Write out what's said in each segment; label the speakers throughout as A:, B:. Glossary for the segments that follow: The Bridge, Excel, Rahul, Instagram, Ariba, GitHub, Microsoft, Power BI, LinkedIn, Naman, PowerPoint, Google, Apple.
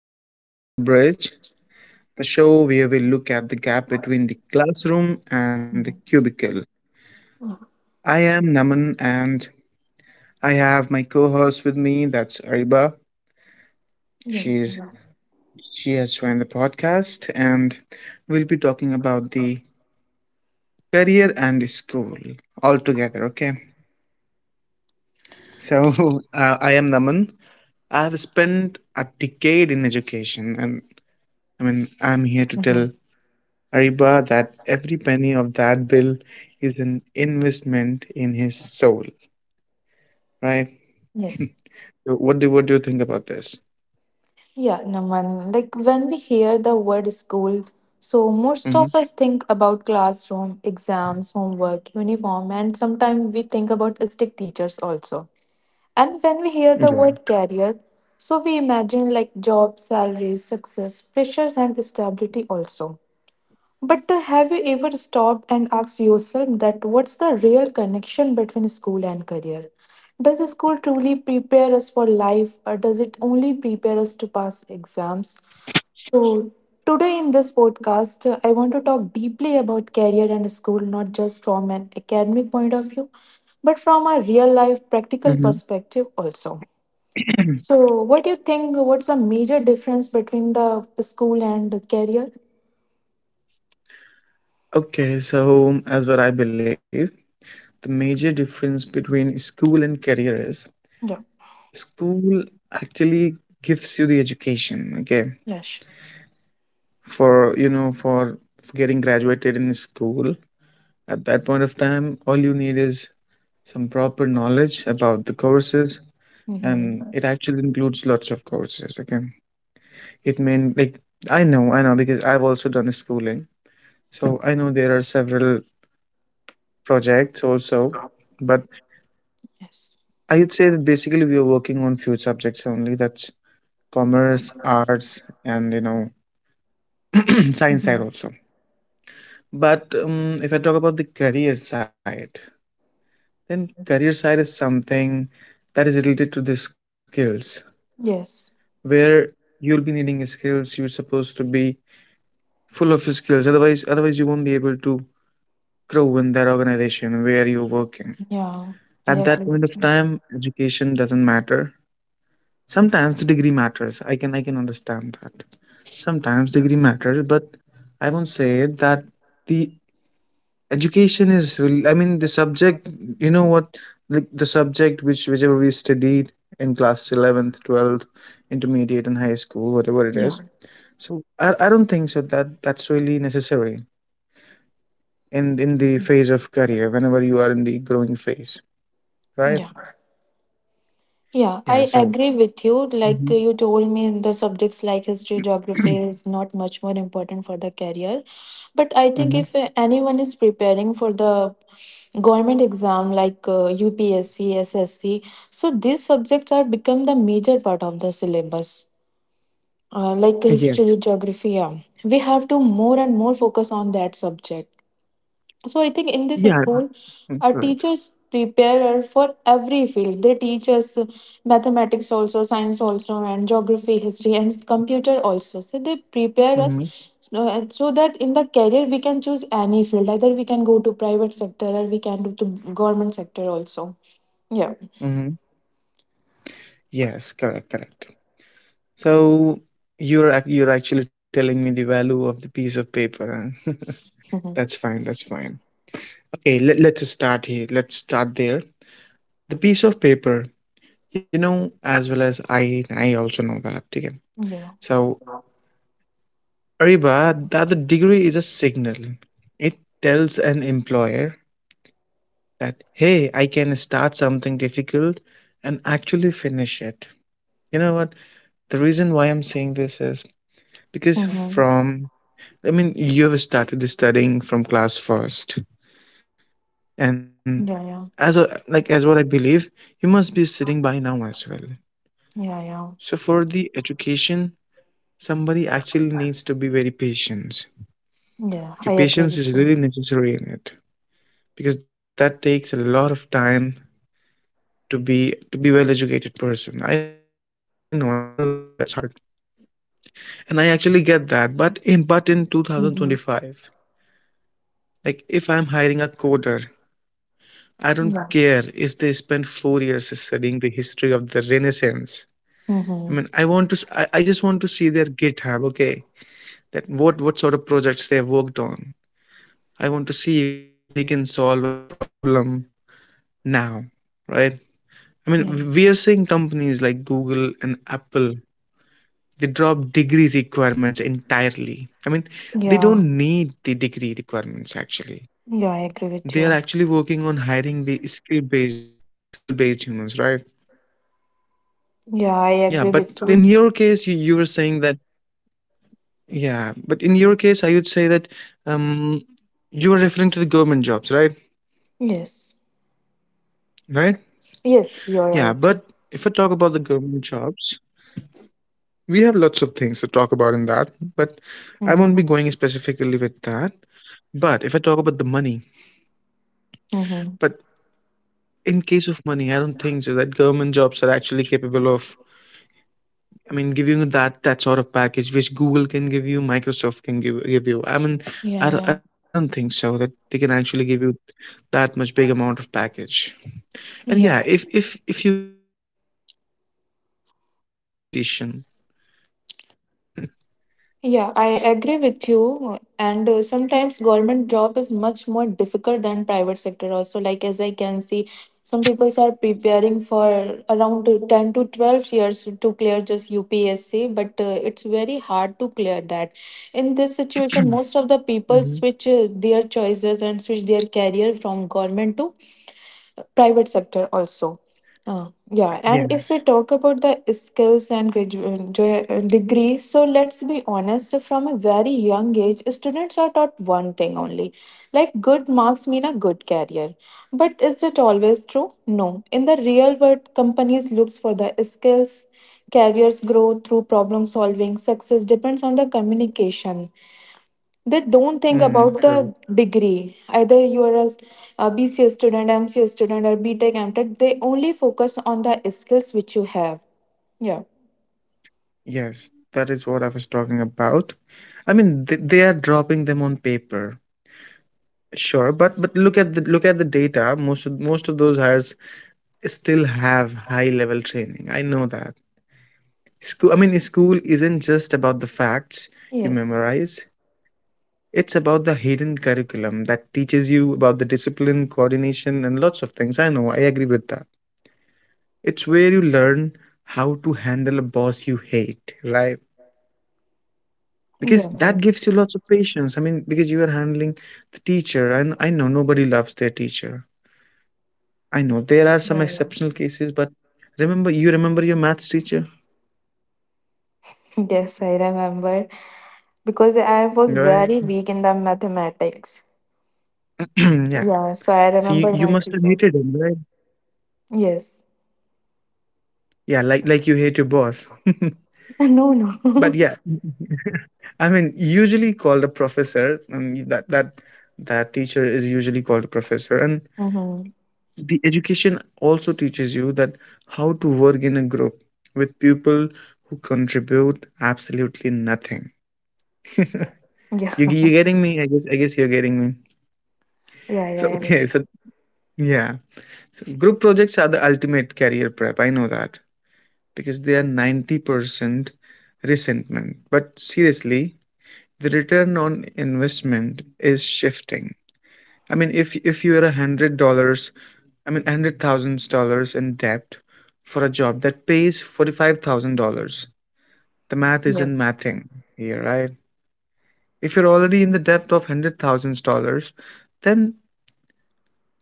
A: Welcome back to The Bridge, the show where we look at the gap between the classroom and the
B: Mhm.
A: cubicle.
B: Mhm.
A: I am Naman and I have my co host with me, that's Ariba.
B: Yes.
A: She's she has joined the podcast and we'll be talking about the career and the school all together, okay? So, I am Naman. I have spent a decade in education and I mean, I'm here to
B: Mhm.
A: tell Ariba that every penny of that bill is an investment in his soul, right?
B: Yes.
A: So what do you think about this?
B: Yeah, Naman. Like when we hear the word school, so most
A: Hmm.
B: of us think about classroom, exams, homework, uniform, and sometimes we think about strict teachers also. And when we hear the
A: Yeah.
B: word career, so we imagine like job, salaries, success, pressures, and stability also. But have you ever stopped and asked yourself that what's the real connection between school and career? Does school truly prepare us for life or does it only prepare us to pass exams? So, today in this podcast, I want to talk deeply about career and school, not just from an academic point of view, but from a real life practical
A: Hmm.
B: perspective also. So, what do you think? What's the major difference between the school and career?
A: Okay, so as what I believe, the major difference between school and career is
B: Yeah,
A: school actually gives you the education. Okay,
B: yes.
A: for you know for getting graduated in school at that point of time, all you need is some proper knowledge about the courses and
B: Mm-hmm.
A: it actually includes lots of courses. Okay, it mean like I know because I've also done schooling, so I know there are several projects also. But
B: Yes.
A: I would say that basically we are working on few subjects only. That's commerce, arts, and science side
B: Mhm.
A: also. But if I talk about the career side, then career side is something that is related to the skills
B: Yes.
A: where you'll be needing skills. You're supposed to be full of skills otherwise you won't be able to grow in that organization where you're working.
B: Yeah,
A: At
B: I
A: that
B: agree
A: point of
B: with you.
A: time education doesn't matter, sometimes the degree matters. I can understand that sometimes degree matters, but I won't say that the education is, I mean the subject, you know what like the subject whichever we studied in class 11th 12th intermediate and high school whatever it is.
B: Yeah.
A: So I don't think so that that's really necessary in the
B: Mm.
A: phase of career whenever you are in the growing phase, right?
B: Yeah. Yeah,
A: Yeah.
B: I
A: So
B: agree with you. Like
A: hmm.
B: you told me, the subjects like history, geography is not much more important for the career. But I think
A: Hmm.
B: if anyone is preparing for the government exam like UPSC, SSC, so these subjects are become the major part of the syllabus. Like history,
A: Yes.
B: geography, yeah. We have to more and more focus on that subject. So I think in this
A: Yeah.
B: school, our
A: Mm, correct.
B: teachers prepare for every field. They teach us mathematics also, science also, and geography, history, and computer also. So they prepare us
A: Hmm.
B: so that in the career we can choose any field. Either we can go to private sector or we can do to government sector also. Yeah.
A: Hmm. Yes, correct, correct. So you're actually telling me the value of the piece of paper, huh?
B: Mhm.
A: That's fine, that's fine. Okay, let's start here, let's start there. The piece of paper, you know as well as I also know that, okay?
B: Yeah.
A: So Ariba, that the degree is a signal, it tells an employer that hey, I can start something difficult and actually finish it. You know what, the reason why I'm saying this is because
B: Hmm.
A: from, I mean you have started studying from class first and,
B: Yeah. Yeah.
A: like as what I believe, you must be sitting by now
B: Yeah.
A: as well.
B: Yeah.
A: So for the education, somebody actually needs to be very
B: Yeah, I
A: patient.
B: agree with you.
A: Okay, patience is really necessary in it because that takes a lot of time to be well educated person. I know that's hard. And I actually get that, but in
B: Hmm.
A: 2025, like if I'm hiring a coder, I don't
B: Yeah.
A: care if they spend 4 years studying the history of the Renaissance.
B: Hmm.
A: I mean, I want to, I just want to see their GitHub, okay? That what sort of projects they have worked on. I want to see if they can solve a problem now, right? I mean, we are
B: Yes.
A: seeing companies like Google and Apple, they drop degree requirements entirely. I mean, they don't
B: Yeah.
A: need the degree requirements actually.
B: Yeah, I agree with
A: They are
B: you.
A: actually working on hiring the skill based humans, right?
B: Yeah, I
A: Yeah,
B: agree
A: but
B: with
A: in
B: you.
A: your case, you were saying that, yeah, but in your case, I would say that, um, you were referring to the government jobs, right?
B: Yes.
A: Right?
B: Yes, you're
A: Yeah,
B: right.
A: but if I talk about the government jobs, we have lots of things to talk about in that, but
B: Mm-hmm.
A: I won't be going specifically with that. But if I talk about the money,
B: Mm-hmm.
A: but in case of money, I don't think so that government jobs are actually capable of, I mean, giving you that that sort of package which Google can give you, Microsoft can give you. I
B: Yeah,
A: mean,
B: yeah.
A: I don't think so that they can actually give you that much big amount of package.
B: Yeah.
A: And yeah, if if you wish to have such package, then you you're supposed to be a politician, right?
B: Yeah, I agree with you. And sometimes government job is much more difficult than private sector also. Like as I can see, some people are preparing for around to 10 to 12 years to clear just UPSC, but it's very hard to clear that. In this situation, most of
A: Hmm.
B: the people switch their choices and switch their career from government to private sector also. Yeah,
A: Yes.
B: and if we talk about the skills and degree, so let's be honest, from a very young age, students are taught one thing only like good marks mean a good career. But is it always true? No. In the real world, companies looks for the skills, careers grow through problem solving, success depends on the communication, they don't think
A: Mm,
B: about the
A: sorry.
B: degree, either you are a BCA student, MCA student, or BTech, MTech, they only focus on the skills which you have. Yeah.
A: Yes, that is what I was talking about. I mean, they are dropping them on paper, sure, but look at the data. Most of those hires still have high level training. I know that. School, I mean, school isn't just about the facts you
B: Yes.
A: memorize, it's about the hidden curriculum that teaches you about the discipline, coordination, and lots of things. I know, I agree with that. It's where you learn how to handle a boss you hate, right? Because
B: Yeah. Yeah.
A: that gives you lots of patience. I mean, because you are handling the teacher, and I know nobody loves their teacher. I know there are some
B: Yeah, yeah.
A: exceptional cases, but remember, you remember your maths teacher,
B: Yes, I remember because I was
A: right?
B: very weak in the mathematics.
A: Yeah.
B: Yeah, so I
A: So you
B: remember
A: you
B: my
A: must have
B: teacher.
A: hated him, right?
B: Yes.
A: Yeah, like you hate your boss.
B: No, no.
A: But yeah, I mean, usually called a professor, and that teacher is usually called a professor. And
B: Mm-hmm.
A: the education also teaches you that how to work in a group with people who contribute absolutely nothing. You
B: Yeah,
A: you getting me? I guess you're getting me.
B: yeah,
A: So
B: yeah, yeah.
A: okay, so yeah, so group projects are the ultimate career prep. I know that. Because they are 90% resentment. But seriously, the return on investment is shifting. I mean, if you are $100, I mean, $100,000 in debt for a job that pays $45,000, the math isn't
B: Yes.
A: mathing here, right? If you're already in the debt of $100,000, then,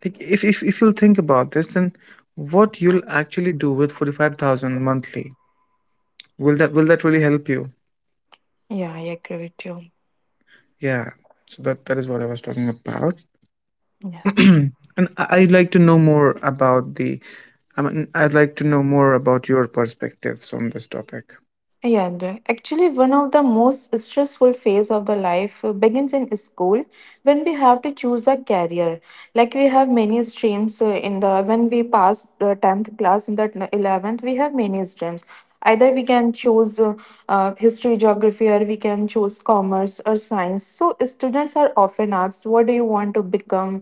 A: like, if if you'll think about this, then what you'll actually do with 45,000 monthly? Will that really help you?
B: Yeah, I agree with you.
A: Yeah, so that is what I was talking about.
B: Yes.
A: And I'd like to know more about the, I mean, I'd like to know more about your perspectives on this topic.
B: Yeah, actually, one of the most stressful phase of the life begins in school when we have to choose a career, like we have many streams in the when we pass the 10th class, in that 11th we have many streams. Either we can choose history, geography, or we can choose commerce or science. So students are often asked what do you want to become,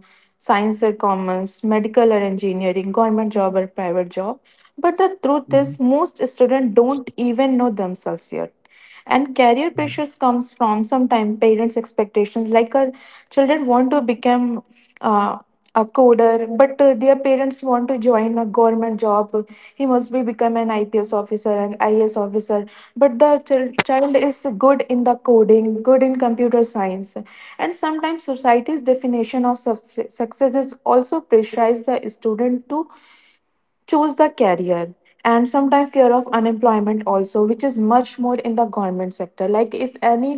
B: science or commerce, medical or engineering, government job or private job? But the truth is
A: Hmm.
B: most students don't even know themselves yet. And career
A: Yeah.
B: pressures comes from sometimes parents expectations, like children want to become uh, a coder but their parents want to join a government job. He must be become an IPS officer and IS officer, but the child is good in the coding, good in computer science. And sometimes society's definition of success is also pressurize the student to choose the career. And sometimes fear of unemployment also, which is much more in the government sector, like if any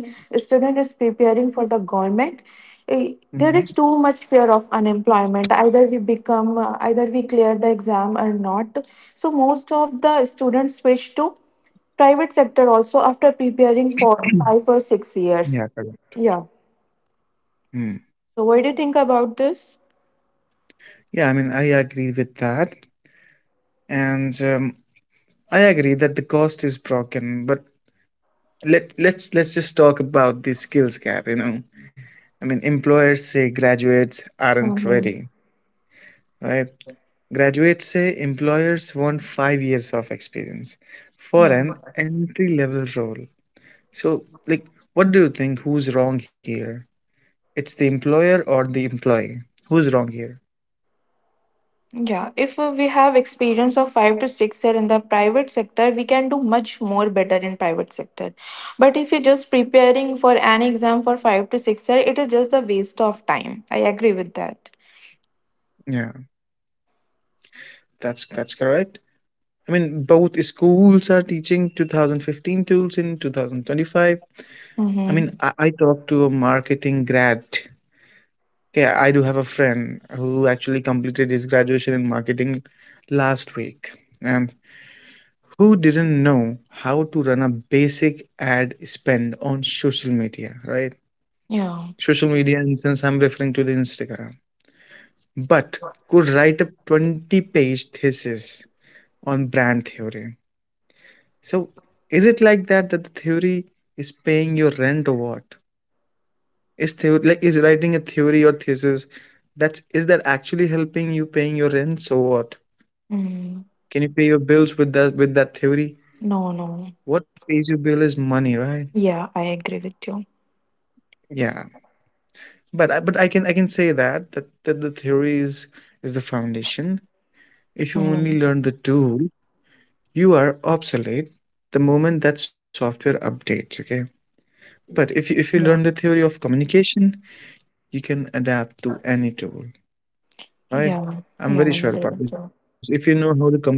B: student is preparing for the government, there
A: Mhm.
B: is too much fear of unemployment, either we become either we clear the exam or not. So most of the students switch to private sector also after preparing for 5 or 6 years.
A: Yeah, correct.
B: Yeah,
A: Mm.
B: so what do you think about this?
A: Yeah, I mean, I agree with that, and I agree that the cost is broken. But let's just talk about the skills gap. You know, I mean, employers say graduates aren't
B: Mhm.
A: ready, right? Graduates say employers want 5 years of experience for
B: Yeah.
A: an entry level role. So, like, what do you think? Who's wrong here? It's the employer or the employee? Who's wrong here?
B: Yeah, if we have experience of 5 to 6 year in the private sector, we can do much more better in private sector. But if you're just preparing for an exam for 5 to 6 year, it is just a waste of time. I agree with that.
A: Yeah, that's correct. I mean, both schools are teaching 2015 tools in 2025. I mean,
B: Mm-hmm.
A: I talked to a marketing grad. Yeah, I do have a friend who actually completed his graduation in marketing last week, and who didn't know how to run a basic ad spend on social media, right?
B: Yeah.
A: Social media, and since I'm referring to the Instagram, but could write a 20-page thesis on brand theory. So, is it like that that the theory is paying your rent or what? Is theory like is writing a theory or thesis that's is that actually helping you paying your rents or what?
B: Mm.
A: Can you pay your bills with that theory?
B: No, no.
A: What pays your bill is money, right?
B: Yeah, I agree with you.
A: Yeah. But I can say that, that the theory is the foundation. If you only learn the
B: Mm-hmm.
A: tool, you are obsolete the moment that software updates. Okay, but if you learn the theory of
B: Yeah.
A: communication, you can adapt to any tool. Right? I'm very
B: Yeah.
A: sure about
B: Yeah,
A: this.
B: I
A: If you
B: agree
A: know how
B: with
A: to
B: you.
A: communicate easily,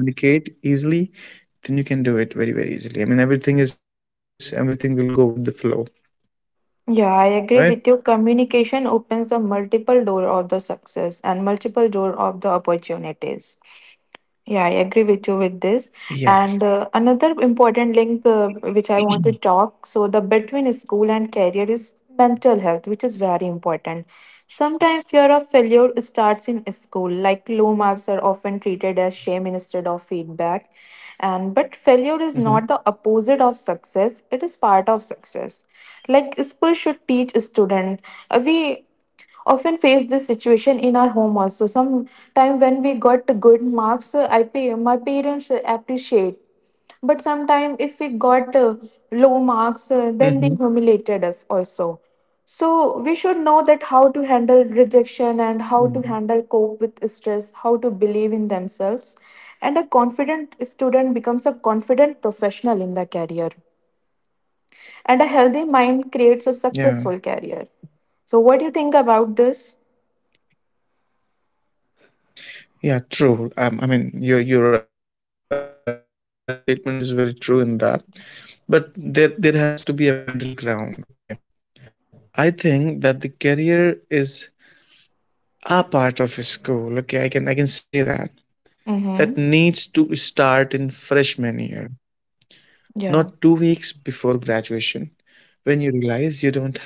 A: then you can do it very very easily. I mean, everything will go with the flow. Right?
B: Yeah, I agree with you. Communication opens the multiple door of the success and multiple door of the opportunities. Yeah, I agree
A: Yes.
B: with you with this. And another important link which I want to talk so the between school and career is mental health, which is very important. Sometimes fear of failure starts in school, like low marks are often treated as shame instead of feedback. And but failure is not the
A: Mm-hmm.
B: opposite of success; it is part of success. Like school should teach student, we often face this situation in our home also sometime when we got good marks, I pay my parents appreciate, but sometime if we got low marks, then they humiliated us also. So we should know that how to handle
A: Mm-hmm.
B: rejection and how to handle cope with stress, how to believe in themselves. And a confident student becomes a confident professional in the career, and a healthy mind creates a
A: Yeah.
B: successful career. So what do you think about this?
A: Yeah, true. I mean, you're actually your statement is very true in that. But there has to be a middle ground. Okay, I think that the career is a part of a school. Okay, I can say that that needs to
B: Mhm.
A: start in freshman year, not 2 weeks
B: Yeah.
A: before graduation, when you realize you don't have a resume.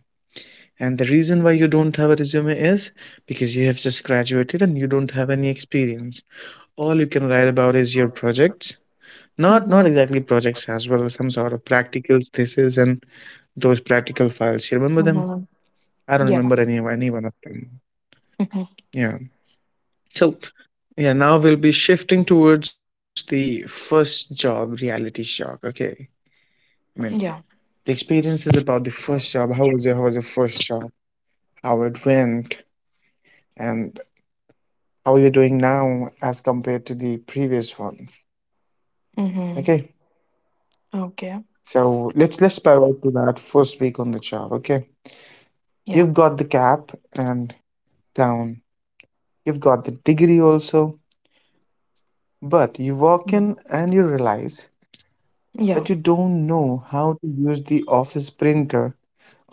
A: And the reason why you don't have a resume is because you have just graduated and you don't have any experience. All you can write about is your projects. Not exactly
B: Mhm.
A: projects as well, some sort of practicals, thesis, and those practical files. You remember them?
B: Mhm.
A: I don't remember
B: Yeah.
A: any one of them.
B: Mhm.
A: Yeah. So yeah, now we'll be shifting towards the first job reality shock. Okay. I mean, the
B: Yeah.
A: experience is about the first job. How was your first job? How it went and how you're doing now as compared to the previous one.
B: Mhm.
A: Okay.
B: Okay.
A: So let's pivot to that first week on the job. Okay.
B: Yeah.
A: You've got the cap and down. You've got the degree also, but you walk
B: Mm.
A: in and you realize
B: Yeah.
A: that you don't know how to use the office printer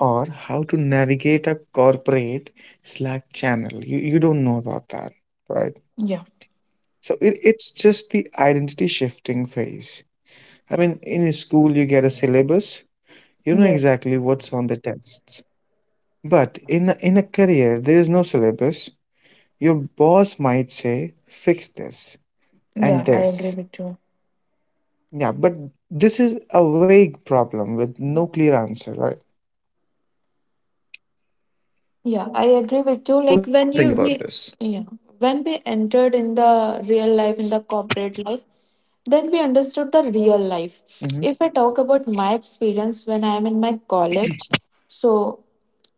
A: or how to navigate a corporate Slack channel. You don't know about that, right?
B: Yeah.
A: So it's just the identity shifting phase. I mean, in a school, you get a syllabus, you know
B: Yes.
A: exactly what's on the tests. But in a career, there is no syllabus. Your boss might say, fix this
B: Yeah, I
A: and
B: agree with you.
A: this. Yeah, but this is a vague problem with no clear answer, right?
B: Yeah, I
A: What do
B: agree
A: you think
B: with you.
A: about
B: Like
A: this?
B: when you we yeah, when we entered in the real life, in the corporate life, then we understood the real
A: Mm-hmm.
B: life. If I talk about my experience when I am in my college, so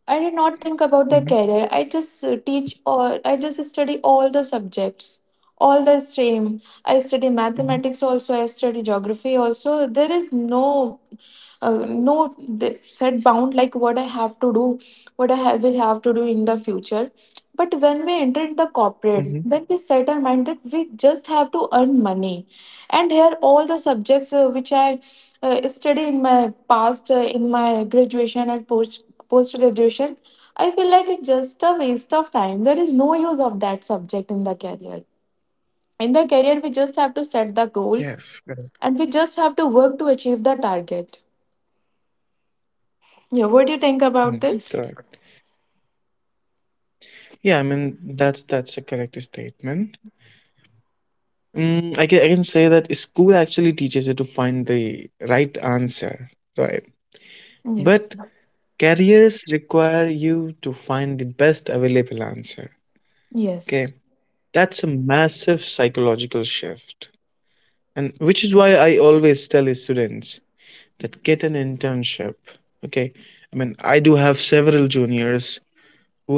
B: I did not
A: Mm-hmm.
B: think about the career. I just study all the subjects, all the stream. I study
A: Mm-hmm.
B: mathematics also, I study geography also. There is no, no set bound like what I have to do, will have to do in the future. But when we enter the
A: Mm-hmm.
B: corporate, then we set our mind that we just have to earn money. And here, all the subjects which I study in my past, in my graduation and post graduation, I feel like it's just a waste of time. There is no use of that subject in the career. In the career, we just have to
A: Yes,
B: set the
A: correct.
B: goal and we just have to work to achieve the target. Yeah, what do you
A: Mm,
B: think about
A: correct.
B: this?
A: Yeah, I mean that's a correct statement. Mm, I can say that school actually teaches you to find the right answer, right? But
B: Yes.
A: careers require you to find the best available answer. Okay,
B: Yes.
A: that's a massive psychological shift, and which is why I always tell students that get an internship. Okay. I mean, I do have several juniors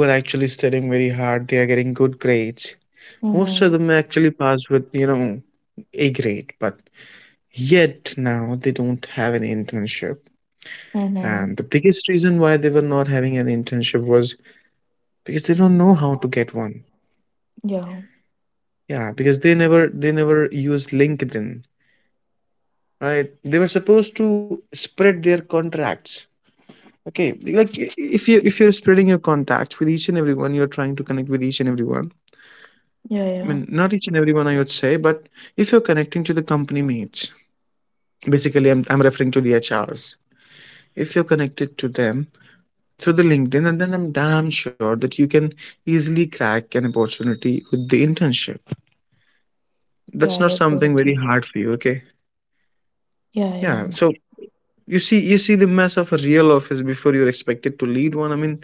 A: who are actually studying very hard. They are getting good grades.
B: Mhm.
A: Most of them actually pass with, you know, A, yet now they don't have an internship. And
B: Mm-hmm.
A: the biggest reason why they were not having an internship was because they don't know how to get one.
B: Yeah,
A: Yeah, because they never used LinkedIn, right? They were supposed to spread their contracts, okay, like if you're spreading your contacts with each and everyone, you're trying to connect with each and everyone.
B: yeah,
A: I mean,
B: yeah,
A: not each and everyone I would say, but if you're connecting to the company mates, basically I'm referring to the H R's. If you're connected to them through the LinkedIn, and then I'm damn sure that you can easily crack an opportunity with the internship.
B: yeah,
A: That's
B: I
A: not
B: agree
A: something
B: with
A: very
B: you.
A: hard for you. Okay.
B: Yeah,
A: Yeah,
B: yeah,
A: so you see, you see the mess of a real office before you're expected to lead one. I mean,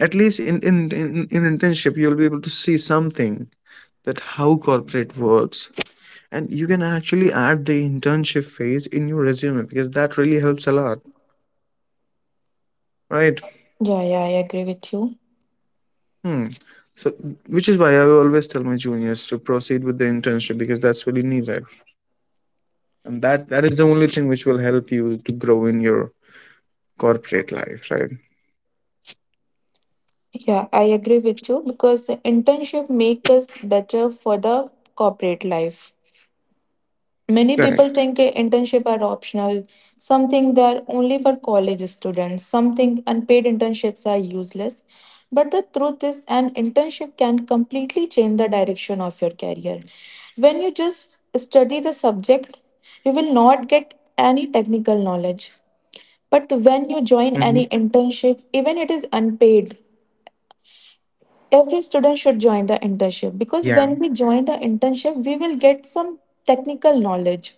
A: at least in internship, you'll be able to see something, that how corporate works, and you can actually add the internship phase in your resume because that really helps a lot, right?
B: yeah, yeah, I agree with you.
A: Hmm. So, which is why I always tell my juniors to proceed with the internship because that's really needed, and that is the only thing which will help you to grow in your corporate life, right?
B: Yeah, I agree with you, because the internship make us better for the corporate life. Many people
A: Correct.
B: think a internship are optional, something that are only for college students, something unpaid internships are useless. But the truth is an internship can completely change the direction of your career. When you just study the subject, you will not get any technical knowledge. But when you
A: Hmm.
B: join any internship, even it is unpaid, every
A: Yeah.
B: student should join the internship, because when we join the internship, we will get some technical knowledge.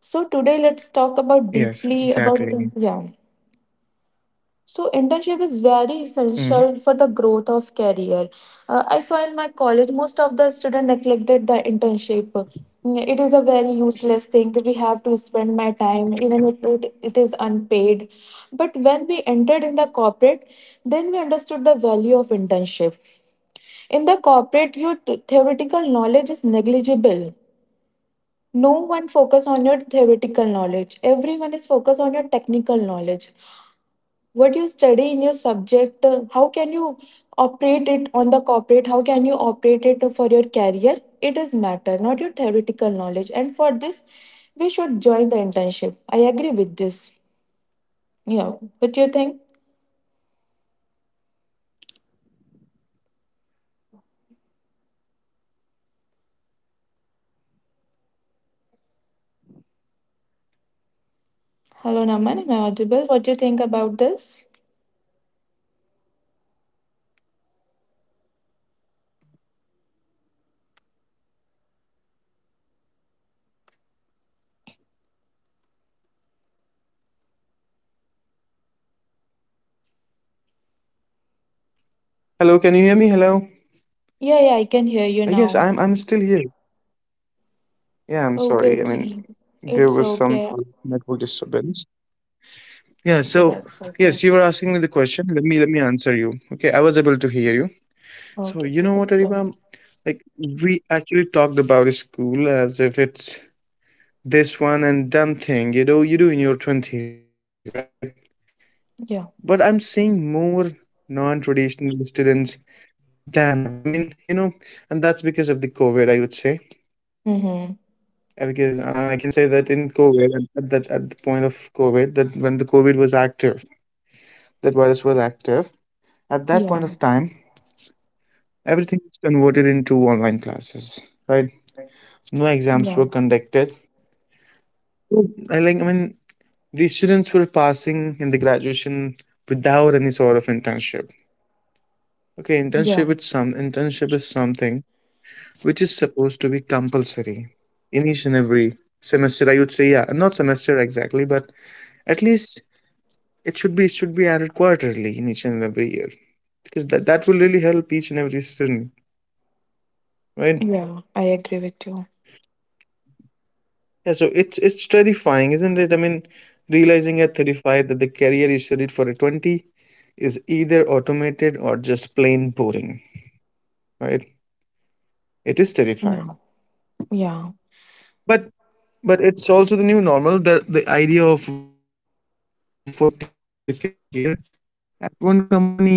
B: So today let's
A: exactly.
B: talk about deeply about yeah. So
A: Mm-hmm.
B: internship is very essential for the growth of career. I saw in my college most of the students neglected the internship. Mm, it is a very useless thing. We have to spend my time even if it is unpaid. But when we entered in the corporate, then we understood the value of internship. In the
A: Mm-hmm.
B: corporate, your theoretical knowledge is negligible, no one focus on your theoretical
A: Yeah.
B: knowledge, everyone is focused on your technical knowledge. What you study in your subject, how can you operate it on the corporate, how can you operate it for your career, it is matter not your theoretical knowledge. And for this we should join the internship, I agree with this. Yeah. What do you think?
A: Hmm, definitely. Yeah, I mean, you know what, Ariba? We actually talk about a school as if it's this one and done thing, you know,
B: Hello,
A: you do
B: Naman,
A: in
B: am I
A: your
B: audible? What do
A: twenties,
B: you
A: right?
B: think about this?
A: Oh, can you hear me? Hello? Can you hear me? Hello, Ariba? Hello, can you hear me? Hello?
B: Yeah, yeah, I can hear
A: Yes,
B: you
A: I'm
B: now.
A: I'm still here. Yeah, I'm sorry. I
B: Okay,
A: mean,
B: okay.
A: there
B: It's
A: was some
B: okay.
A: network disturbance. Yeah,
B: Okay,
A: so
B: that's okay.
A: yes, you were asking me the question. Let me answer you. Okay, I was able to hear you. So
B: Okay,
A: you
B: okay,
A: know what,
B: let's go.
A: Ariba? Like, we actually talked about school as if it's this one and done thing, you know, you do in your twenties, right? But I'm
B: Yeah.
A: seeing more non traditional students than ever. I mean, you know, and that's because of the COVID, I would say.
B: Mm-hmm.
A: Because I can say that in COVID, at the point of COVID, that when the COVID was active, that virus was active, at that point of time,
B: Yeah,
A: everything was converted into online classes, right? No exams were
B: yeah,
A: conducted. So, I like, I mean, the students were passing in the graduation without any sort of internship. Okay, internship
B: yeah,
A: is some internship is something which is supposed to be compulsory in each and every semester, I would say. Yeah, not semester exactly, but at least should be, it should be added quarterly in each and every year, because that will really help each and every student, right?
B: yeah, I agree with you.
A: Yeah, so it's terrifying, isn't it? I mean, realizing at 35 that the career you studied for at 20 is either automated or just plain boring, right? It is
B: Yeah,
A: terrifying.
B: yeah,
A: but but it's also the new normal. The idea of a 40-year career at one company is a ghost.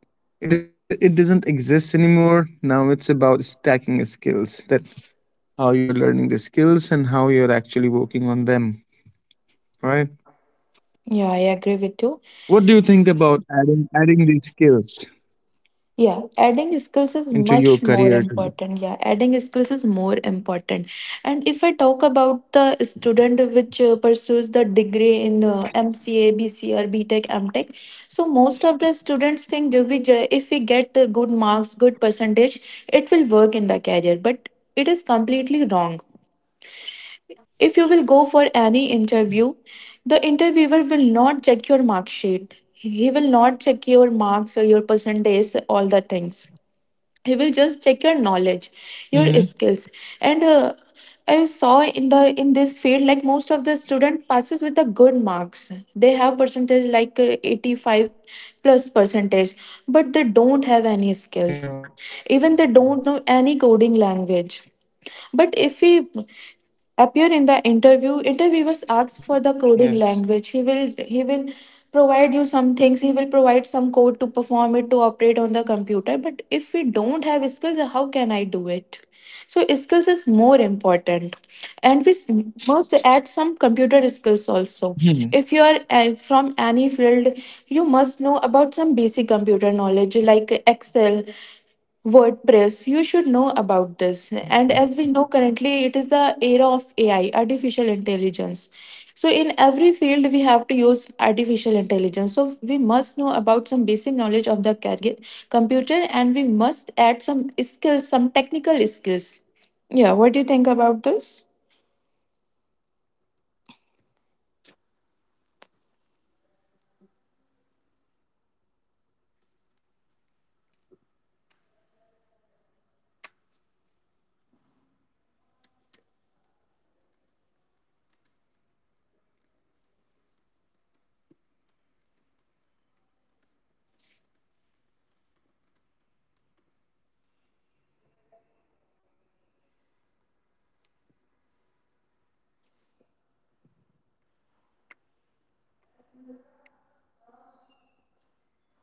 A: It doesn't s-, it doesn't exist anymore. Now it's about stacking skills. That how you're learning the skills and how you're actually working on them. Right?
B: yeah, I agree with you.
A: What do you think about adding these skills
B: Yeah, adding skills is
A: into your
B: much more
A: career?
B: important. Yeah, adding skills is more important. And if I talk about the student which pursues the degree in MCA, BCA, or B Tech, M Tech, so most of the students think that if we get the good marks, good percentage, it will work in the career. But it is completely wrong. If you will go for any interview, the interviewer will not check your mark sheet. He will not check your marks or your percentage, all the things. He will
A: Mm-hmm.
B: just check your knowledge, your skills. And I saw in the in this field, like most of the student passes with the good marks. They have percentage like 85 plus
A: Yeah.
B: percentage, but they don't have any skills. Even they don't know any coding language. But if we
A: Y-. Yes.
B: appear in the interview, interviewers ask for the coding language. He will provide you some things. He will provide some code to perform it, to operate on the computer. But if we don't have skills, how can I do it? So skills is more important, and
A: Hmm.
B: must add some computer skills also. If you are from any field, you must know about some basic computer knowledge like Excel,
A: Yeah.
B: WordPress. You should know about this. And as we know currently, it is the era of AI, artificial intelligence. So, in every field, we have to use artificial intelligence. So, we must know about some basic knowledge of computer, and we must add some skills, some technical
A: Yeah.
B: skills.
A: That's
B: Yeah, what do you think about this?
A: mhm, it's a correct statement. And computer knowledge is very, you know, very necessary nowadays because whether you're working in a corporate office or you're working as an individual. I mean, if you're a businessman also, then also you need a knowledge of the computer. You need to be a technology person. Can you hear me? Hello? Hello, can you hear me?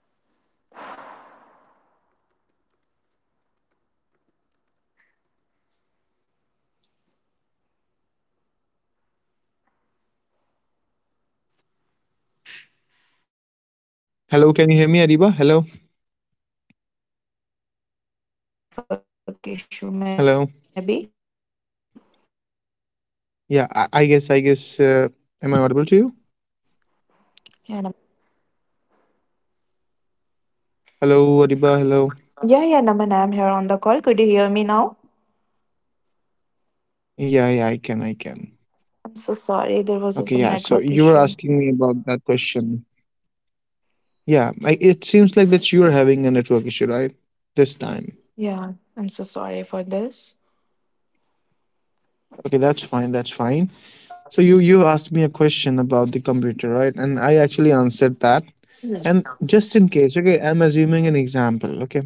A: I guess I can hear you. Hello, can you hear me, Adiba? Hello?
B: Yeah, Nama, now I can hear you. Actually, there was some network issue, maybe.
A: Hello? Yeah, I guess, I guess, am I
B: Yeah,
A: audible to
B: Nama,
A: you?
B: am I audible?
A: Hello, Adiba, hello?
B: Yeah, yeah, Naman, I'm here on the call. Could you hear me now?
A: Yeah, yeah, I can.
B: I'm so sorry. There
A: Okay,
B: was
A: yeah,
B: some
A: so you
B: network
A: were asking
B: issue.
A: me about that question. Yeah, I, it seems like that you're having a network issue, right? This time.
B: Yeah, I'm so sorry for this.
A: Okay, that's fine. That's fine. So you asked me a question about the computer, right? And I actually answered that.
B: Yes.
A: And just in case, okay, I'm assuming an example. Okay,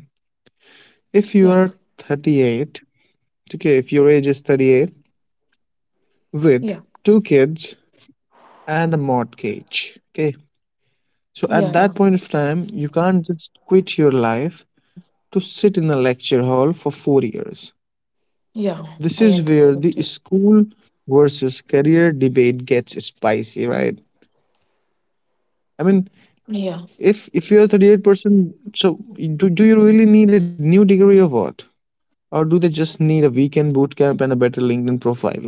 B: Yeah,
A: if you are 38, okay, if your age is 38
B: yeah,
A: with two kids and a mortgage, okay. So
B: yeah,
A: at
B: yeah,
A: that point of time, you can't just quit your life to sit in a lecture hall for 4 years.
B: yeah,
A: This
B: I
A: is
B: agree
A: where
B: with you.
A: the school versus career debate gets spicy, right? I mean,
B: Yeah.
A: if you're 38%, so do you really need a new degree or what? Or do they just need a weekend boot camp and a better LinkedIn profile?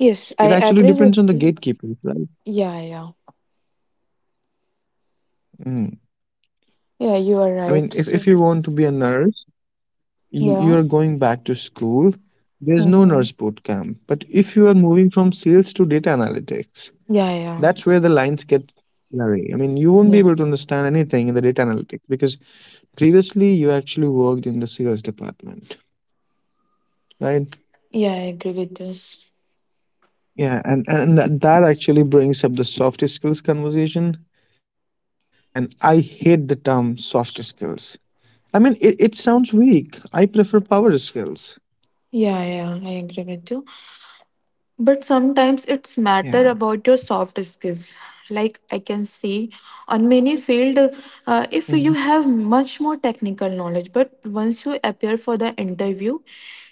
B: Yes,
A: It
B: I
A: actually
B: agree
A: depends on
B: with
A: the
B: you.
A: gatekeepers, right?
B: Yeah, yeah,
A: Mm.
B: yeah.
A: I
B: You
A: mean,
B: are
A: if
B: right.
A: you want
B: So,
A: to be a nurse, you're
B: yeah.
A: going back to school. There's no nurse
B: Mm-hmm.
A: boot camp. But if you are moving from sales to data analytics,
B: Yeah,
A: that's
B: yeah.
A: where the lines get blurry. I mean, you won't be able to
B: Yes.
A: understand anything in the data analytics because previously you actually worked in the sales department, right?
B: Yeah, I agree with this.
A: Yeah, and that actually brings up the soft skills conversation, and I hate the term soft skills. I mean, it sounds weak. I prefer power skills.
B: Yeah, yeah, I agree with you. But sometimes it's matter
A: Yeah.
B: about your soft skills. Like I can see on many field, if you have
A: Mm-hmm.
B: much more technical knowledge, but once you appear for the interview,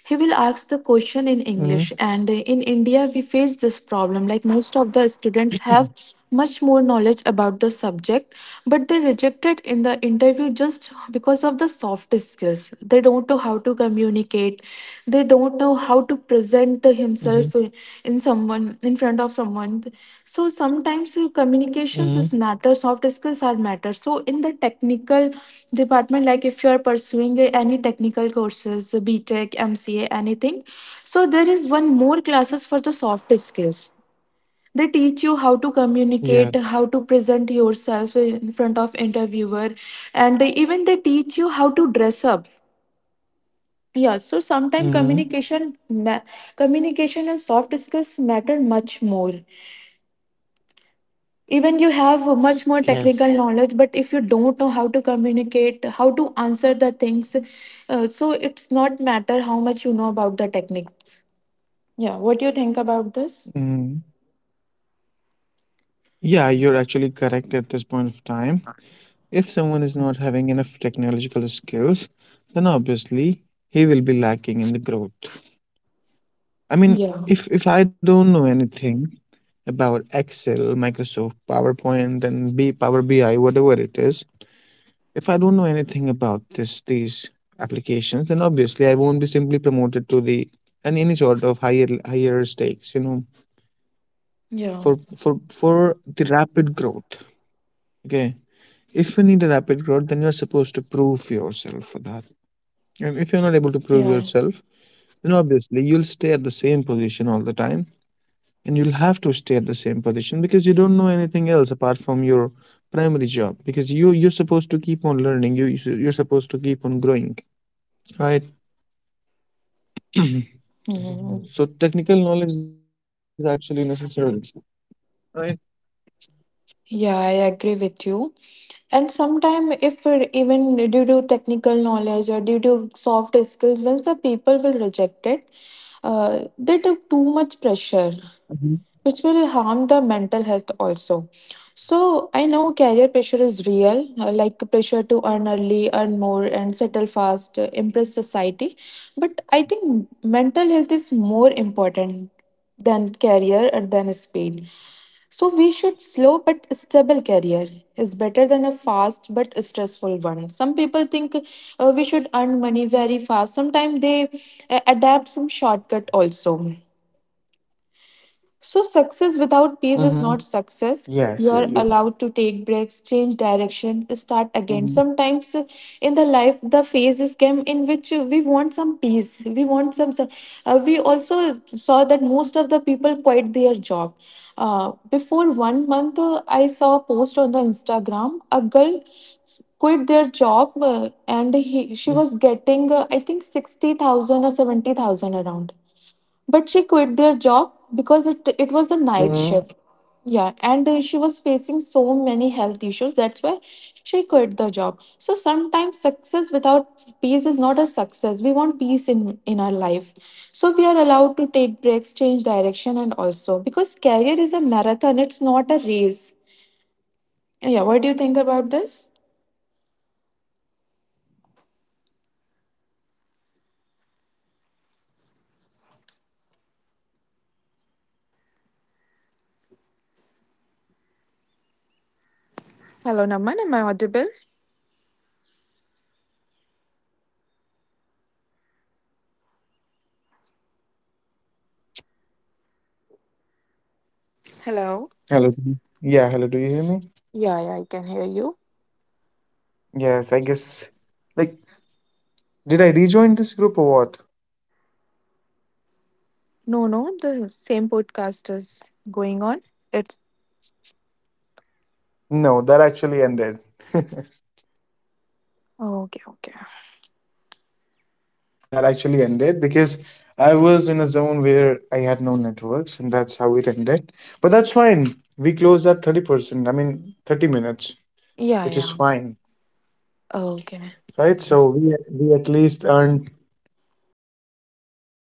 B: he will ask the question in English. And
A: Mm-hmm.
B: in India, we face this problem. Like most of the students have much more knowledge about the subject, but they rejected in the interview just because of the soft skills. They don't know how to communicate, they don't know how to present himself
A: Mm-hmm.
B: in someone in front of someone. So sometimes communications is matter,
A: Hmm.
B: soft skills are matter. So in the technical department, like if you are pursuing any technical courses, B Tech, MCA, anything, so there is one more classes for the soft skills. They teach you how to communicate, how to
A: Yes.
B: present yourself in front of interviewer. And they even they teach you how to dress up. Yeah, so sometimes
A: Mm-hmm.
B: communication and soft skills matter much more. Even you have much more technical knowledge,
A: Yes.
B: but if you don't know how to communicate, how to answer the things, so it's not matter how much you know about the techniques. Yeah, what do you think about this?
A: Mm-hmm. Yeah, you're actually correct at this point of time. If someone is not having enough technological skills, then obviously he will be lacking in the growth.
B: Yeah,
A: I mean, if I don't know anything about Excel, Microsoft, PowerPoint, and B Power BI, whatever it is, if I don't know anything about this these applications, then obviously I won't be simply promoted to the, and any sort of higher stakes. You know,
B: yeah,
A: for the rapid growth. Okay, if you need a rapid growth, then you're supposed to prove yourself for that. And if you're
B: yeah.
A: not able to prove yourself, then obviously you'll stay at the same position all the time and you'll have to stay at the same position because you don't know anything else apart from your primary job, because you you're supposed to keep on learning, you, you're supposed to keep on growing, right?
B: Hmm.
A: So technical knowledge is actually necessary, right?
B: Yeah, I agree with you. And sometimes, if it- even due to technical knowledge or due to soft skills, once the people will reject it, they took too much pressure,
A: Hmm.
B: which will harm the mental health also. So I know career pressure is real, like pressure to earn early, earn more, and settle fast, impress society. But I think mental health is more important than career or than speed. So we should slow but stable career is better than a fast but stressful one. Some people think we should earn money very fast. Sometimes they adapt some shortcut also. So, success
A: Hmm.
B: without peace is not
A: Yes, you're,
B: success.
A: you're.
B: You are allowed to take breaks, change
A: Hmm.
B: direction, start again. Sometimes in the life, the phases come in which we want some peace. We want some. We also saw that most of the people quit their job. Before 1 month, I saw a post on the Instagram. A girl quit their job, and she was getting, I think, 60,000 or 70,000 around, but she quit their job because it
A: Hmm.
B: was the night shift. Yeah, and she was facing so many health issues. That's why she quit the job. So sometimes success without peace is not a success. We want peace in our life. So we are allowed to take breaks, change direction, and also because career is a marathon, it's not a race. Yeah, what do you think about this? Hello, Naman. Am I audible? Hello.
A: Hello. Do you-. Yeah, hello. Do you hear me?
B: Yeah, yeah, I can hear you.
A: Yes, I guess. Like, did I rejoin this group or what?
B: No, no, the same podcast is going on. It's
A: No, that actually ended.
B: Oh. Okay, okay.
A: Yeah, that actually ended because I was in a zone where I had no networks, and that's how it ended. But that's fine. We closed at 30%, I mean, 30 minutes,
B: Yeah,
A: which is
B: yeah.
A: fine,
B: Okay.
A: right? So we at least earned. Oh, just a moment.